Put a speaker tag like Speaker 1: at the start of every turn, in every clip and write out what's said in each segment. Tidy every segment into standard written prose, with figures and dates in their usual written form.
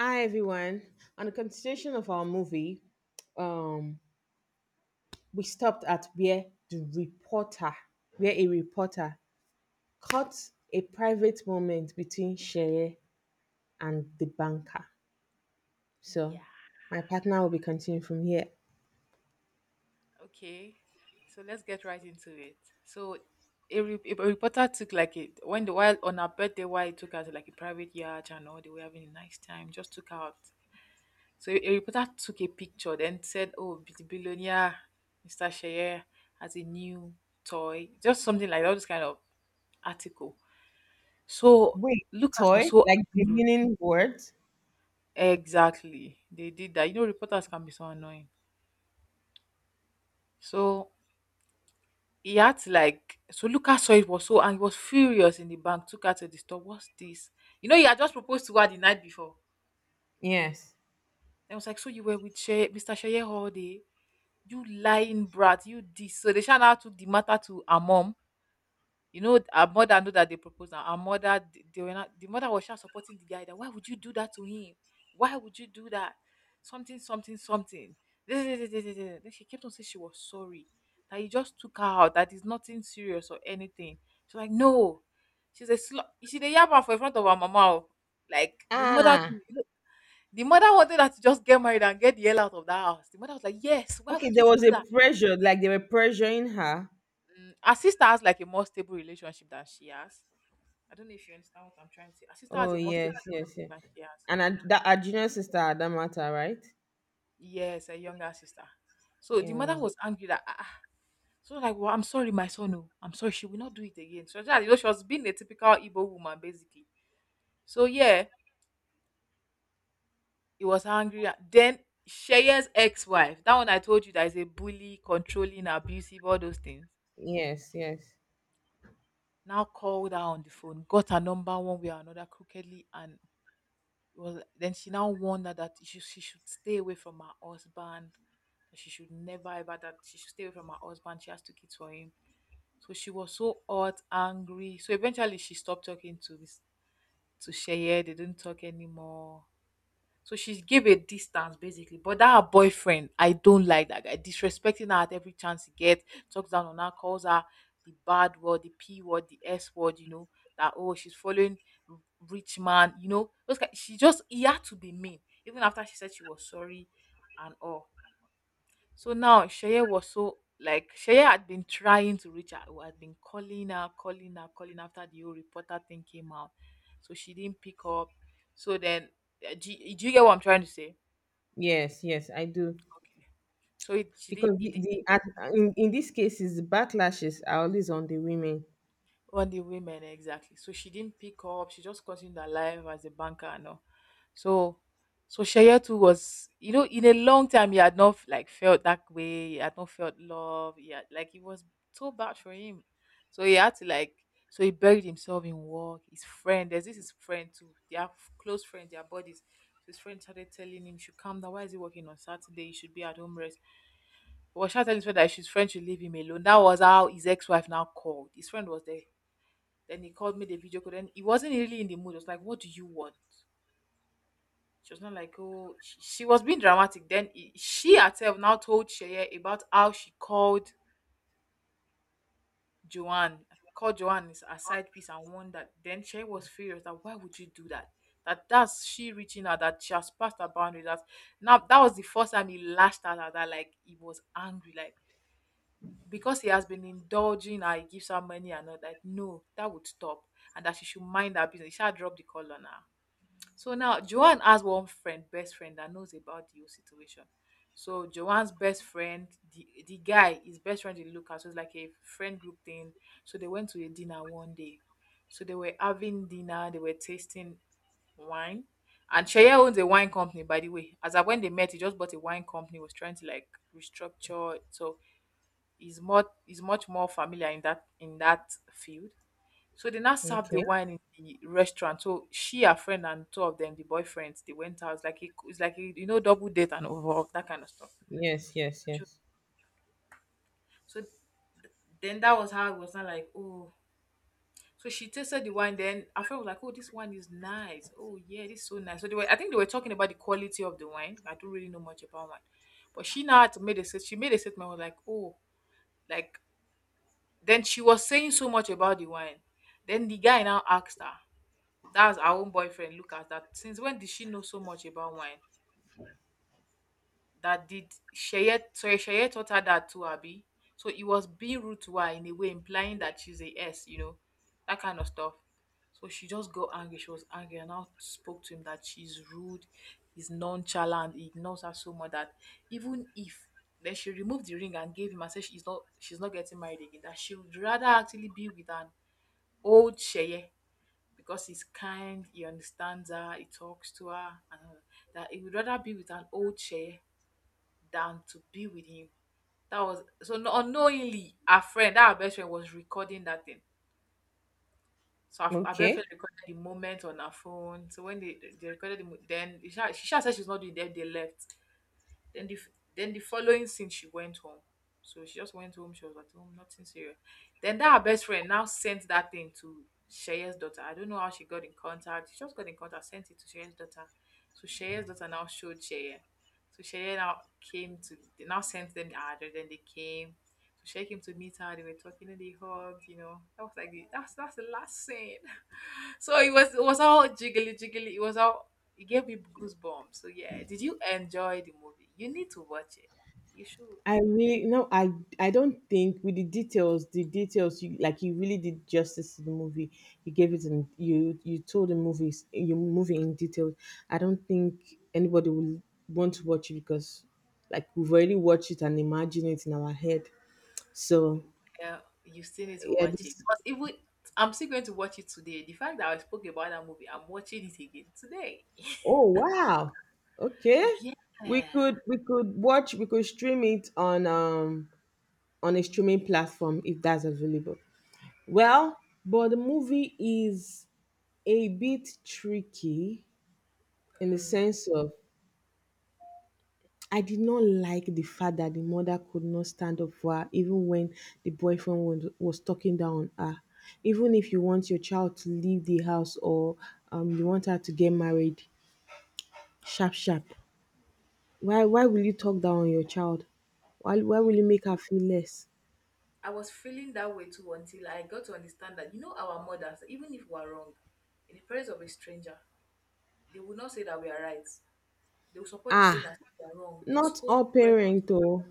Speaker 1: Hi everyone. On the continuation of our movie, um, we stopped at where a reporter caught a private moment between Shere and the banker. So
Speaker 2: Yeah.
Speaker 1: my partner will be continuing from here.
Speaker 2: Okay. So let's get right into it. So a reporter took like it when the while on her birthday while it took her to like a private yacht and all they were having a nice time, just took her out. So a reporter took a picture then said, Oh, the billionaire, Mr. Shayer has a new toy. Just something like that, all this kind of article. So
Speaker 1: Wait,
Speaker 2: Lucas was
Speaker 1: toy?
Speaker 2: so
Speaker 1: Like the
Speaker 2: angry.
Speaker 1: meaning words?
Speaker 2: Exactly. They did that. You know, reporters can be so annoying. So he had to like, so Lucas saw it was so and he was furious in the bank, took her to the store. What's this? You know, he had just proposed to her the night before.
Speaker 1: Yes.
Speaker 2: And I was like, so you were with Mr. Sheye all day? You lying brat, you this. So they shout out to the matter to her mom. You know, our mother knew that they proposed. And her mother, they were not. The mother was just supporting the guy. That why would you do that to him? Why would you do that? Something, something, something. This, this, this, this, this. Then she kept on saying she was sorry that he just took her out. That is nothing serious or anything. She's like, no, she's a slut. She's a yabba for in front of her mama. Oh. Like
Speaker 1: Ah.
Speaker 2: the mother wanted her to just get married and get the hell out of that house. The mother was like, yes, why
Speaker 1: Okay,
Speaker 2: would
Speaker 1: there
Speaker 2: you
Speaker 1: was
Speaker 2: do
Speaker 1: a
Speaker 2: that?
Speaker 1: pressure, like they were pressuring her.
Speaker 2: Mm, her sister has like a more stable relationship than she has. I don't know if you understand what I'm trying to say. Her sister has
Speaker 1: Oh,
Speaker 2: a more stable
Speaker 1: yes, yes,
Speaker 2: relationship
Speaker 1: yes.
Speaker 2: than she has.
Speaker 1: And that our junior sister Adamata, right?
Speaker 2: Yes, a younger sister. So the
Speaker 1: Yeah.
Speaker 2: mother was angry that ah, ah, so like, well, I'm sorry, my son. Oh, I'm sorry, she will not do it again. So that you know, she was being a typical Igbo woman, basically. So yeah, he was angry. Then Sheya's ex-wife, that one I told you that is a bully, controlling, abusive, all those things.
Speaker 1: Yes, yes,
Speaker 2: Now called her on the phone, got her number one way or another crookedly, and it was then she now warned that she should stay away from her husband, that she should never ever, that she should stay away from her husband, she has two kids for him. So she was so hot angry, so eventually she stopped talking to this, to Sheye. They didn't talk anymore, so she's gave a distance basically. But that her boyfriend, I don't like that guy. Disrespecting her at every chance he gets, talks down on her, calls her the bad word, the P word, the S word, you know, that oh she's following r- rich man, you know. Those kind, she just he had to be mean, even after she said she was sorry and all. So now Sheye was so, like Sheye had been trying to reach her, had been calling her, calling her, calling after the whole reporter thing came out. So she didn't pick up. So then, do you get what I'm trying to say?
Speaker 1: yes, yes, I do.
Speaker 2: Okay. So it she didn't
Speaker 1: Because
Speaker 2: it,
Speaker 1: the,
Speaker 2: it
Speaker 1: the at,
Speaker 2: didn't
Speaker 1: in, in these cases, the backlashes are always on the women.
Speaker 2: on the women exactly. So she didn't pick up. She just continued her life as a banker and all. So, so Sheye was, you know, in a long time he had not like felt that way. He had not felt love. He had, like it was so bad for him. So he had to like, so he buried himself in work. His friend, there's this his friend too. They are close friends. They are buddies. So his friend started telling him, "You should calm down. Why is he working on Saturday? He should be at home rest." He was trying to tell his friend that his friend should leave him alone. That was how his ex-wife now called. His friend was there. Then he called me the video call. Then he wasn't really in the mood. It was like, "What do you want?" She was not like, oh, she was being dramatic. Then she herself now told Sheye about how she Joanne, called Joanne is a side piece and won that. Then Sheye was furious that why would you do that? That that's she reaching out, that she has passed her boundary. That now that was the first time he lashed out at her, like he was angry, like because he has been indulging her, he gives her money and all that. No, that would stop. And that she should mind her business. She had drop the call on her. So now Joanne has one friend, best friend that knows about the whole situation. So Joanne's best friend, the guy, his best friend is Lucas. So it's like a friend group thing. So they went to a dinner one day. So they were having dinner, they were tasting wine. And Shea owns a wine company, by the way. As of when they met, he just bought a wine company, was trying to like restructure. So he's much more familiar in that field. So they now served the
Speaker 1: Okay.
Speaker 2: wine in the restaurant. So she, her friend, and two of them, the boyfriends, they went out. It's like a, you know, double date and over that kind of stuff.
Speaker 1: Yes, yes,
Speaker 2: Sure.
Speaker 1: yes.
Speaker 2: So then that was how it was not like oh. So she tasted the wine. Then her friend was like, "Oh, this wine is nice. Oh yeah, this is so nice." So they were, I think they were talking about the quality of the wine. I don't really know much about wine, but she now had to made a she made a statement was like, "Oh, like." Then she was saying so much about the wine. Then the guy now asked her, that's our own boyfriend, Lucas, that since when did she know so much about wine? That did Sheye, sorry, Sheye taught her that too, Abby. So it was being rude to her in a way, implying that she's a S, you know, that kind of stuff. So she just got angry. She was angry and now spoke to him that she's rude, is nonchalant, he ignores her so much that even if then she removed the ring and gave him and said she's not getting married again, that she would rather actually be with an old Sheye, because he's kind, he understands her, he talks to her, and all that, that he would rather be with an old chair than to be with you. That was so unknowingly, our friend, our best friend, was recording that thing. So our best
Speaker 1: Okay.
Speaker 2: friend recorded the moment on her phone. So when they recorded the, then she sha said she's not doing that. They left. Then the following scene she went home. So she just went home, she was at home, nothing serious. Then that her best friend now sent that thing to Sheye's daughter. I don't know how she got in contact. She just got in contact, sent it to Sheye's daughter. So Sheye's daughter now showed Sheye. So Sheye now came to they now sent them the address, then they came. So Sheye came to meet her, they were talking and they hugged, you know. That was like the, that's the last scene. So it was all jiggly jiggly. It was all it gave me goosebumps. So yeah, did you enjoy the movie? You need to watch it. You should.
Speaker 1: I really no, I don't think with the details you really did justice to the movie. You gave it and you told the movies your movie in detail. I don't think anybody will want to watch it because, like, we've already watched it and imagined it in our head. So,
Speaker 2: Yeah, you still need to
Speaker 1: yeah,
Speaker 2: watch it.
Speaker 1: this
Speaker 2: But even I'm still going to watch it today. The fact that I spoke about that movie, I'm watching it again today.
Speaker 1: oh, wow. Okay.
Speaker 2: Yeah.
Speaker 1: We could stream it on a streaming platform if that's available. Well, but the movie is a bit tricky in the
Speaker 2: Mm.
Speaker 1: sense of I did not like the fact that the mother could not stand up for her even when the boyfriend was talking down on her. Even if you want your child to leave the house, or you want her to get married, sharp sharp. Why will you talk down on your child? Why will
Speaker 2: You-
Speaker 1: you make her feel less?
Speaker 2: I was feeling that way too until I got to understand that you know our mothers, even if we are wrong, in the presence of a stranger, they will not say that we are right. They will support the stranger
Speaker 1: Ah,
Speaker 2: and say we are wrong, then
Speaker 1: not
Speaker 2: scold
Speaker 1: all
Speaker 2: the person.
Speaker 1: parent oh.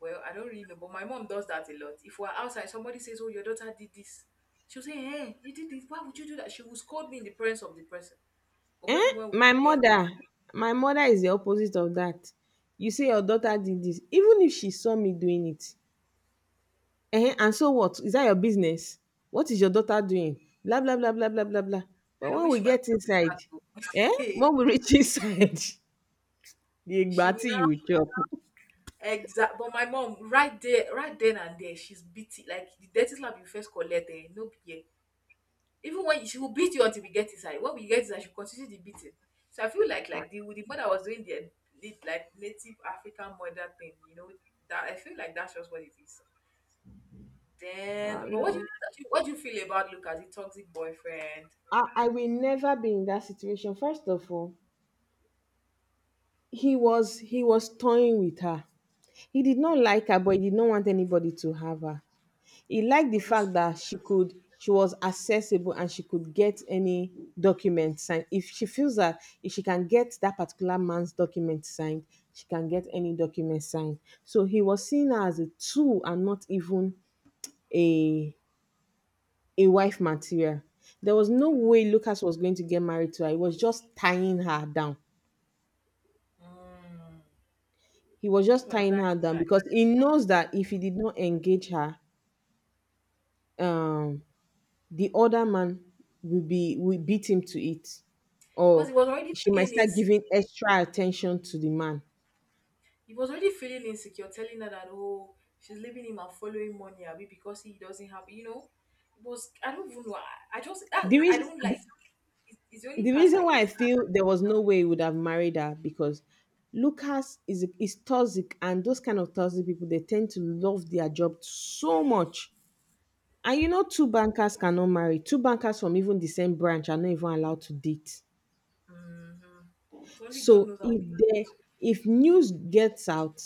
Speaker 2: Well, I don't really know, but my mom does that a lot. If we're outside, somebody says, "Oh, your daughter did this," she'll say, "Hey, you did this. Why would you do that?" She will scold me in the presence of the person. Or maybe
Speaker 1: Eh?
Speaker 2: when we get,
Speaker 1: My mother is the opposite of that. You say your daughter did this, even if she saw me doing it. Eh? And so what? Is that your business? What is your daughter doing? Blah blah blah blah blah blah blah. But
Speaker 2: I
Speaker 1: when we
Speaker 2: wish my mom
Speaker 1: get
Speaker 2: would do
Speaker 1: inside,
Speaker 2: that
Speaker 1: eh?
Speaker 2: too.
Speaker 1: When we reach inside, the
Speaker 2: She will
Speaker 1: igbati you
Speaker 2: now
Speaker 1: will chop.
Speaker 2: exact. But my mom, right there, right then and there, she's beating like the dirty slap you first collect. Eh, no be here. Even when she will beat you until we get inside. When we get inside, she will continue the beating. So I feel
Speaker 1: Ah,
Speaker 2: like the mother was doing the, like native African mother thing. You know that I feel like that's just what it is. Then, but
Speaker 1: no.
Speaker 2: what do you feel about Lucas, the toxic boyfriend?
Speaker 1: I will never be in that situation. First of all, he was toying with her. He did not like her, but he did not want anybody to have her. He liked
Speaker 2: It
Speaker 1: the
Speaker 2: was just
Speaker 1: fact that she was accessible and she could get any document signed. If she feels that if she can get that particular man's document signed, she can get any document signed. So he was seeing her as a tool, and not even a a wife material. There was no way Lucas was going to get married to her. He was just tying her down.
Speaker 2: mm,
Speaker 1: He was
Speaker 2: that's
Speaker 1: just tying
Speaker 2: another
Speaker 1: her down
Speaker 2: insight
Speaker 1: because he knows that if he did not engage her, um, the other man will beat him to it,
Speaker 2: because
Speaker 1: or
Speaker 2: he was already
Speaker 1: she might
Speaker 2: feeling
Speaker 1: start giving
Speaker 2: insecure.
Speaker 1: extra attention to the man.
Speaker 2: He was already feeling insecure, telling her that oh, she's leaving him and following money, Abi, because he doesn't have. It was — I don't even know. I just that
Speaker 1: The
Speaker 2: is, I
Speaker 1: reason
Speaker 2: don't
Speaker 1: the,
Speaker 2: like. It's the only
Speaker 1: the
Speaker 2: cast
Speaker 1: reason
Speaker 2: I
Speaker 1: why I
Speaker 2: hate.
Speaker 1: feel there was no way he would have married her, because Lucas is toxic, and those kind of toxic people, they tend to love their job so much. And, two bankers cannot marry. Two bankers from even the same branch are not even allowed to date.
Speaker 2: Mm-hmm. It's only God
Speaker 1: So
Speaker 2: knows that
Speaker 1: if news gets out,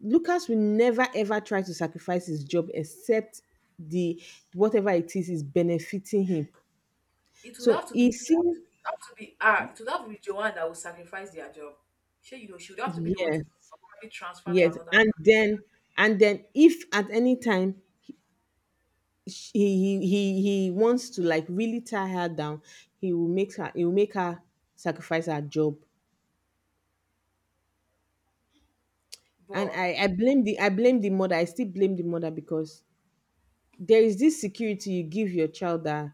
Speaker 1: Lucas will never ever try to sacrifice his job except the whatever it is benefiting him.
Speaker 2: it would
Speaker 1: So
Speaker 2: have to
Speaker 1: he
Speaker 2: be —
Speaker 1: seems
Speaker 2: have to be — it would have to be Joanne that will sacrifice their job. She, you know, she would have to be the one to
Speaker 1: yes,
Speaker 2: probably transfer to
Speaker 1: yes,
Speaker 2: another
Speaker 1: and
Speaker 2: branch.
Speaker 1: then if at any time, he wants to, like, really tie her down, he will make her sacrifice her job. And
Speaker 2: But
Speaker 1: I blame the mother. I still blame the mother, because there is this security you give your child that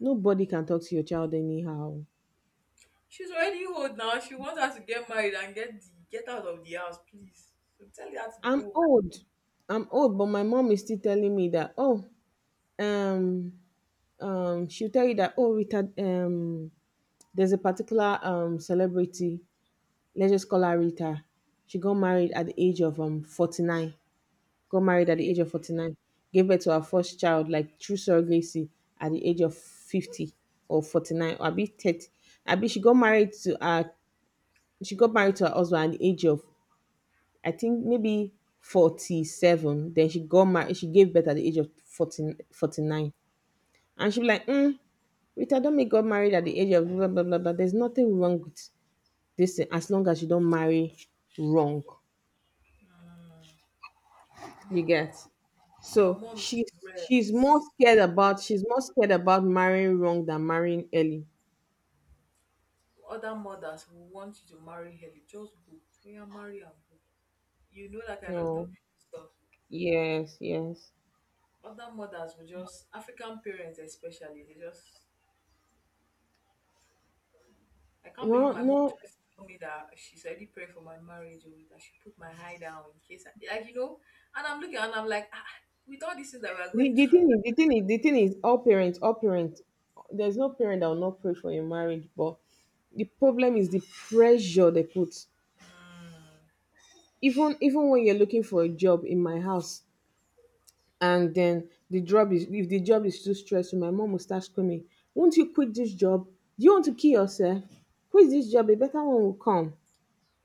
Speaker 1: nobody can talk to your child anyhow.
Speaker 2: she's already old now. She wants her to get married and get the — get out of the house, please. So tell her to
Speaker 1: I'm
Speaker 2: go.
Speaker 1: old. I'm old, but my mom is still telling me that, oh, um, she'll tell you that, oh, Rita, there's a particular celebrity, let's just call her Rita. She got married at the age of 49. Got married at the
Speaker 2: Okay?
Speaker 1: age of 49. Gave birth to her first child, like through surrogacy, at the age of 50 or 49, or I be 30. I be she got married to her husband at the age of, I think, maybe 47. Then she got married. She gave birth at the age of 14, 49. And she be like, Rita Domi got married at the age of blah, blah, blah, blah. There's nothing wrong with this thing as long as you don't marry wrong. You
Speaker 2: Omo,
Speaker 1: get?
Speaker 2: but your
Speaker 1: So
Speaker 2: mom is
Speaker 1: she's
Speaker 2: rare.
Speaker 1: she's more
Speaker 2: It's —
Speaker 1: scared
Speaker 2: very brave.
Speaker 1: about she's more scared about marrying wrong than marrying early.
Speaker 2: Other mothers who want you to marry early. Just go. We are marry and go. You know that kind of stuff.
Speaker 1: No.
Speaker 2: stuff.
Speaker 1: Yes, yes.
Speaker 2: Other mothers will just — African parents especially, they just — I can't
Speaker 1: No,
Speaker 2: believe my mom
Speaker 1: no.
Speaker 2: tries to tell me that she's already praying for my marriage or that she put my eye down in case I, like, you know. And I'm looking and I'm like, ah, with all these things that we're
Speaker 1: The,
Speaker 2: going
Speaker 1: the
Speaker 2: through.
Speaker 1: thing is, all parents, there's no parent that will not pray for your marriage. But the problem is the pressure they put.
Speaker 2: Mm.
Speaker 1: Even when you're looking for a job in my house, and then, the job is if the job is too stressful, my mom will start screaming, "Won't you quit this job? Do you want to kill yourself? Quit this job. A better one will come."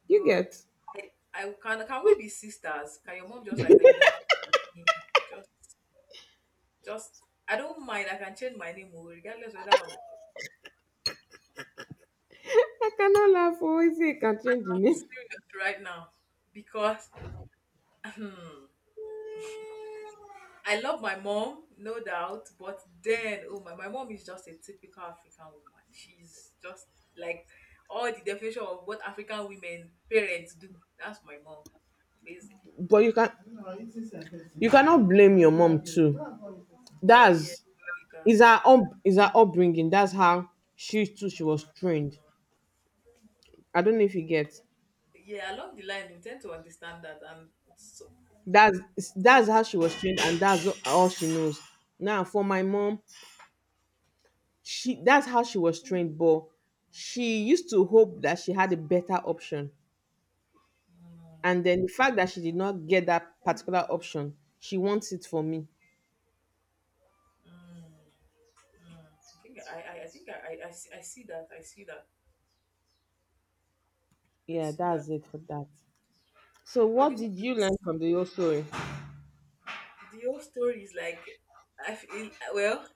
Speaker 1: You
Speaker 2: God,
Speaker 1: get?
Speaker 2: I can — can we be sisters? Can your mom just like you know, just just I don't mind, I can change my name oh, regardless whether I'm —
Speaker 1: I cannot laugh. Always say you can change the
Speaker 2: I'm
Speaker 1: name,
Speaker 2: serious right now, because I love my mom, no doubt, but then, oh my, my mom is just a typical African woman. She's just like all the definition of what African women parents do. That's my mom, basically.
Speaker 1: but you cannot blame your mom too.
Speaker 2: Well, yeah,
Speaker 1: That's
Speaker 2: Africa.
Speaker 1: Is her up, Is her upbringing. That's how she too she was trained. I don't know if you get.
Speaker 2: Yeah, along the line, you tend to understand that, and it's so —
Speaker 1: That's
Speaker 2: it's
Speaker 1: that's how
Speaker 2: a.
Speaker 1: she was trained, and that's all she knows. Now for my mom, she that's how she was trained, but she used to hope that she had a better option.
Speaker 2: Mm,
Speaker 1: And then the fact that she did not get that particular option, she wants it for me.
Speaker 2: mm, mm. I think I think I see that, I see that, I
Speaker 1: Yeah,
Speaker 2: see that.
Speaker 1: that's it for that. So
Speaker 2: But
Speaker 1: what
Speaker 2: the
Speaker 1: did
Speaker 2: movie —
Speaker 1: you learn from the whole story?
Speaker 2: the whole story is like, I feel well,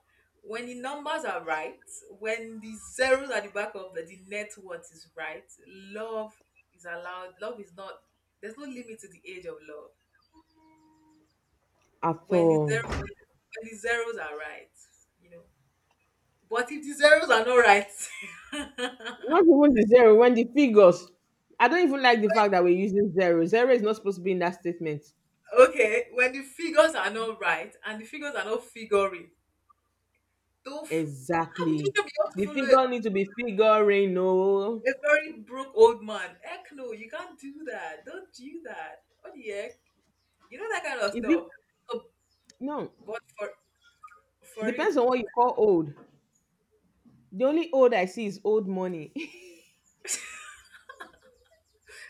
Speaker 2: when the numbers are right, when the zeros at the back of the net worth is right, love is allowed. Love is not — there's no limit to the age of love.
Speaker 1: At
Speaker 2: When the
Speaker 1: all.
Speaker 2: zero — when the zeros are right, you know. But if the zeros are not right —
Speaker 1: Not even the zero, when the figures. I don't even like the fact that we're using zero. Zero is not supposed to be in that statement.
Speaker 2: okay, when the figures are not right and the figures are not figuring, don't f- how would you
Speaker 1: Exactly.
Speaker 2: even be able to
Speaker 1: The
Speaker 2: follow
Speaker 1: figure need to be figuring. No.
Speaker 2: a very broke old man? Heck no, you can't do that. Don't do that. What the heck? You know that kind of
Speaker 1: Is it?
Speaker 2: stuff. Oh,
Speaker 1: No.
Speaker 2: but for
Speaker 1: Depends
Speaker 2: you,
Speaker 1: on what you call old. The only old I see is old money.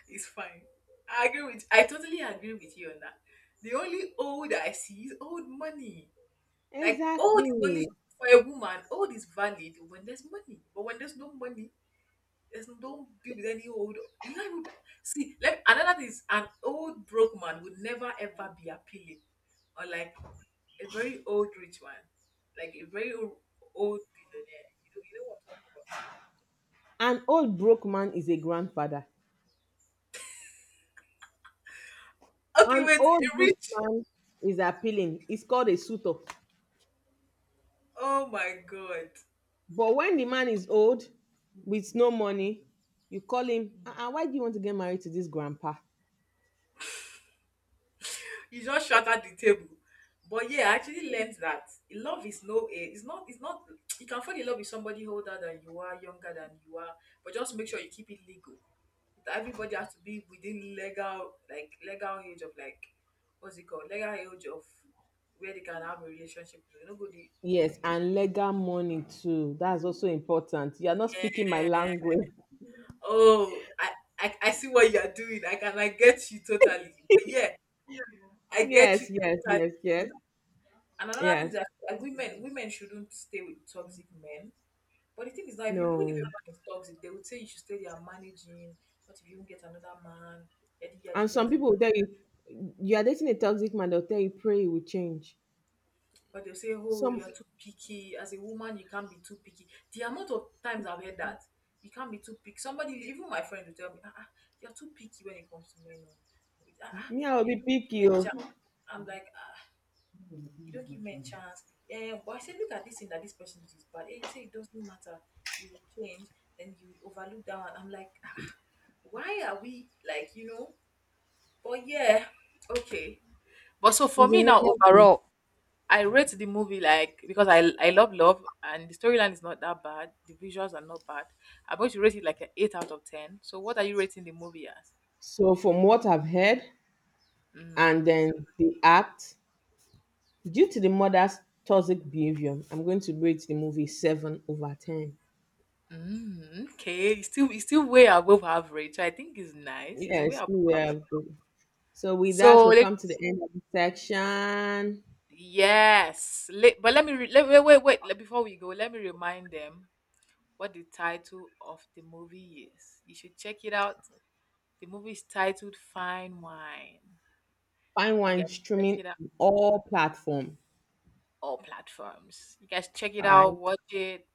Speaker 2: it's fine. I agree with. I totally agree with you on that. The only old I see is old money. Like, old is
Speaker 1: exactly.
Speaker 2: only for a woman. Old is valid when there's money, but when there's no money, there's no — don't be with any old. You can't even be — see. Let — another thing is, an old broke man would never ever be appealing, or like a very old rich man, like a old billionaire. You know what
Speaker 1: An old broke man is a grandfather.
Speaker 2: I'm talking
Speaker 1: An
Speaker 2: about. Okay, wait, a
Speaker 1: old rich
Speaker 2: rich —
Speaker 1: man is appealing. It's called a suitor.
Speaker 2: oh my god,
Speaker 1: But when the man is old with no money, you call him, why do you want to get married to this grandpa?
Speaker 2: you just shattered the table. But yeah, I actually learned that love is no age. It's not. It's not. You can fall in love with somebody older than you are, younger than you are, but just make sure you keep it legal. That everybody has to be within legal, like legal age of, like, what's it called? Legal age of where they can have a relationship. You know, go the —
Speaker 1: Yes, and legal money too. That's also important. You are not speaking my language.
Speaker 2: oh, I see what you are doing. I can — I get you totally. But yeah, I get
Speaker 1: Yes,
Speaker 2: you
Speaker 1: yes,
Speaker 2: totally.
Speaker 1: yes, yes,
Speaker 2: And another thing is
Speaker 1: yes.
Speaker 2: that, like, women shouldn't stay with toxic men. But the thing is that if you — even if
Speaker 1: No.
Speaker 2: a man is toxic, they would say you should stay there and manage him. What if you won't get another man? Yadi
Speaker 1: And
Speaker 2: yadi
Speaker 1: some
Speaker 2: yadi.
Speaker 1: people will tell you, you are dating a toxic man, they'll tell you, pray you will change.
Speaker 2: But they'll say, oh,
Speaker 1: Some,
Speaker 2: you're too picky. As a woman, you can't be too picky. The amount of times I've heard that, you can't be too picky. Somebody, even my friend will tell me, ah, ah, you're too picky when it comes to men. Oh. Ah, ah,
Speaker 1: me, I will
Speaker 2: they
Speaker 1: be
Speaker 2: don't give me
Speaker 1: picky. Oh.
Speaker 2: chance. I'm like, you don't give men chance. Yeah, but I said, look at this thing that this person did. But eh, you say it doesn't matter. You will change. Then you will overlook that one. I'm like, ah, why are we like, you know? But yeah, okay. But so for
Speaker 1: It's a
Speaker 2: me now,
Speaker 1: normal thing.
Speaker 2: overall, I rate the movie like, because I love love, and the storyline is not that bad. The visuals are not bad. I'm going to rate it like an 8 out of 10. So what are you rating the movie as?
Speaker 1: So, from what I've heard, and
Speaker 2: Mm,
Speaker 1: then, the act due to the mother's toxic behavior, I'm going to rate the movie 7 over 10.
Speaker 2: mm, okay, it's still way above average. So I think it's nice. It's
Speaker 1: Yeah,
Speaker 2: way
Speaker 1: it's
Speaker 2: above
Speaker 1: still where
Speaker 2: average.
Speaker 1: I've been. So, with that,
Speaker 2: So
Speaker 1: we've come to the end of the section.
Speaker 2: yes, let — but let me re- let, wait, wait, wait, before we go, let me remind them what the title of the movie is. You should check it out. The movie is titled Fine Wine.
Speaker 1: Find
Speaker 2: You
Speaker 1: one
Speaker 2: guys check
Speaker 1: streaming
Speaker 2: it out,
Speaker 1: on all platform.
Speaker 2: all platforms. You guys check it
Speaker 1: All right.
Speaker 2: out, watch it.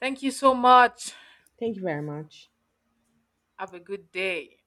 Speaker 2: Thank you so much.
Speaker 1: Thank you very much.
Speaker 2: Have a good day.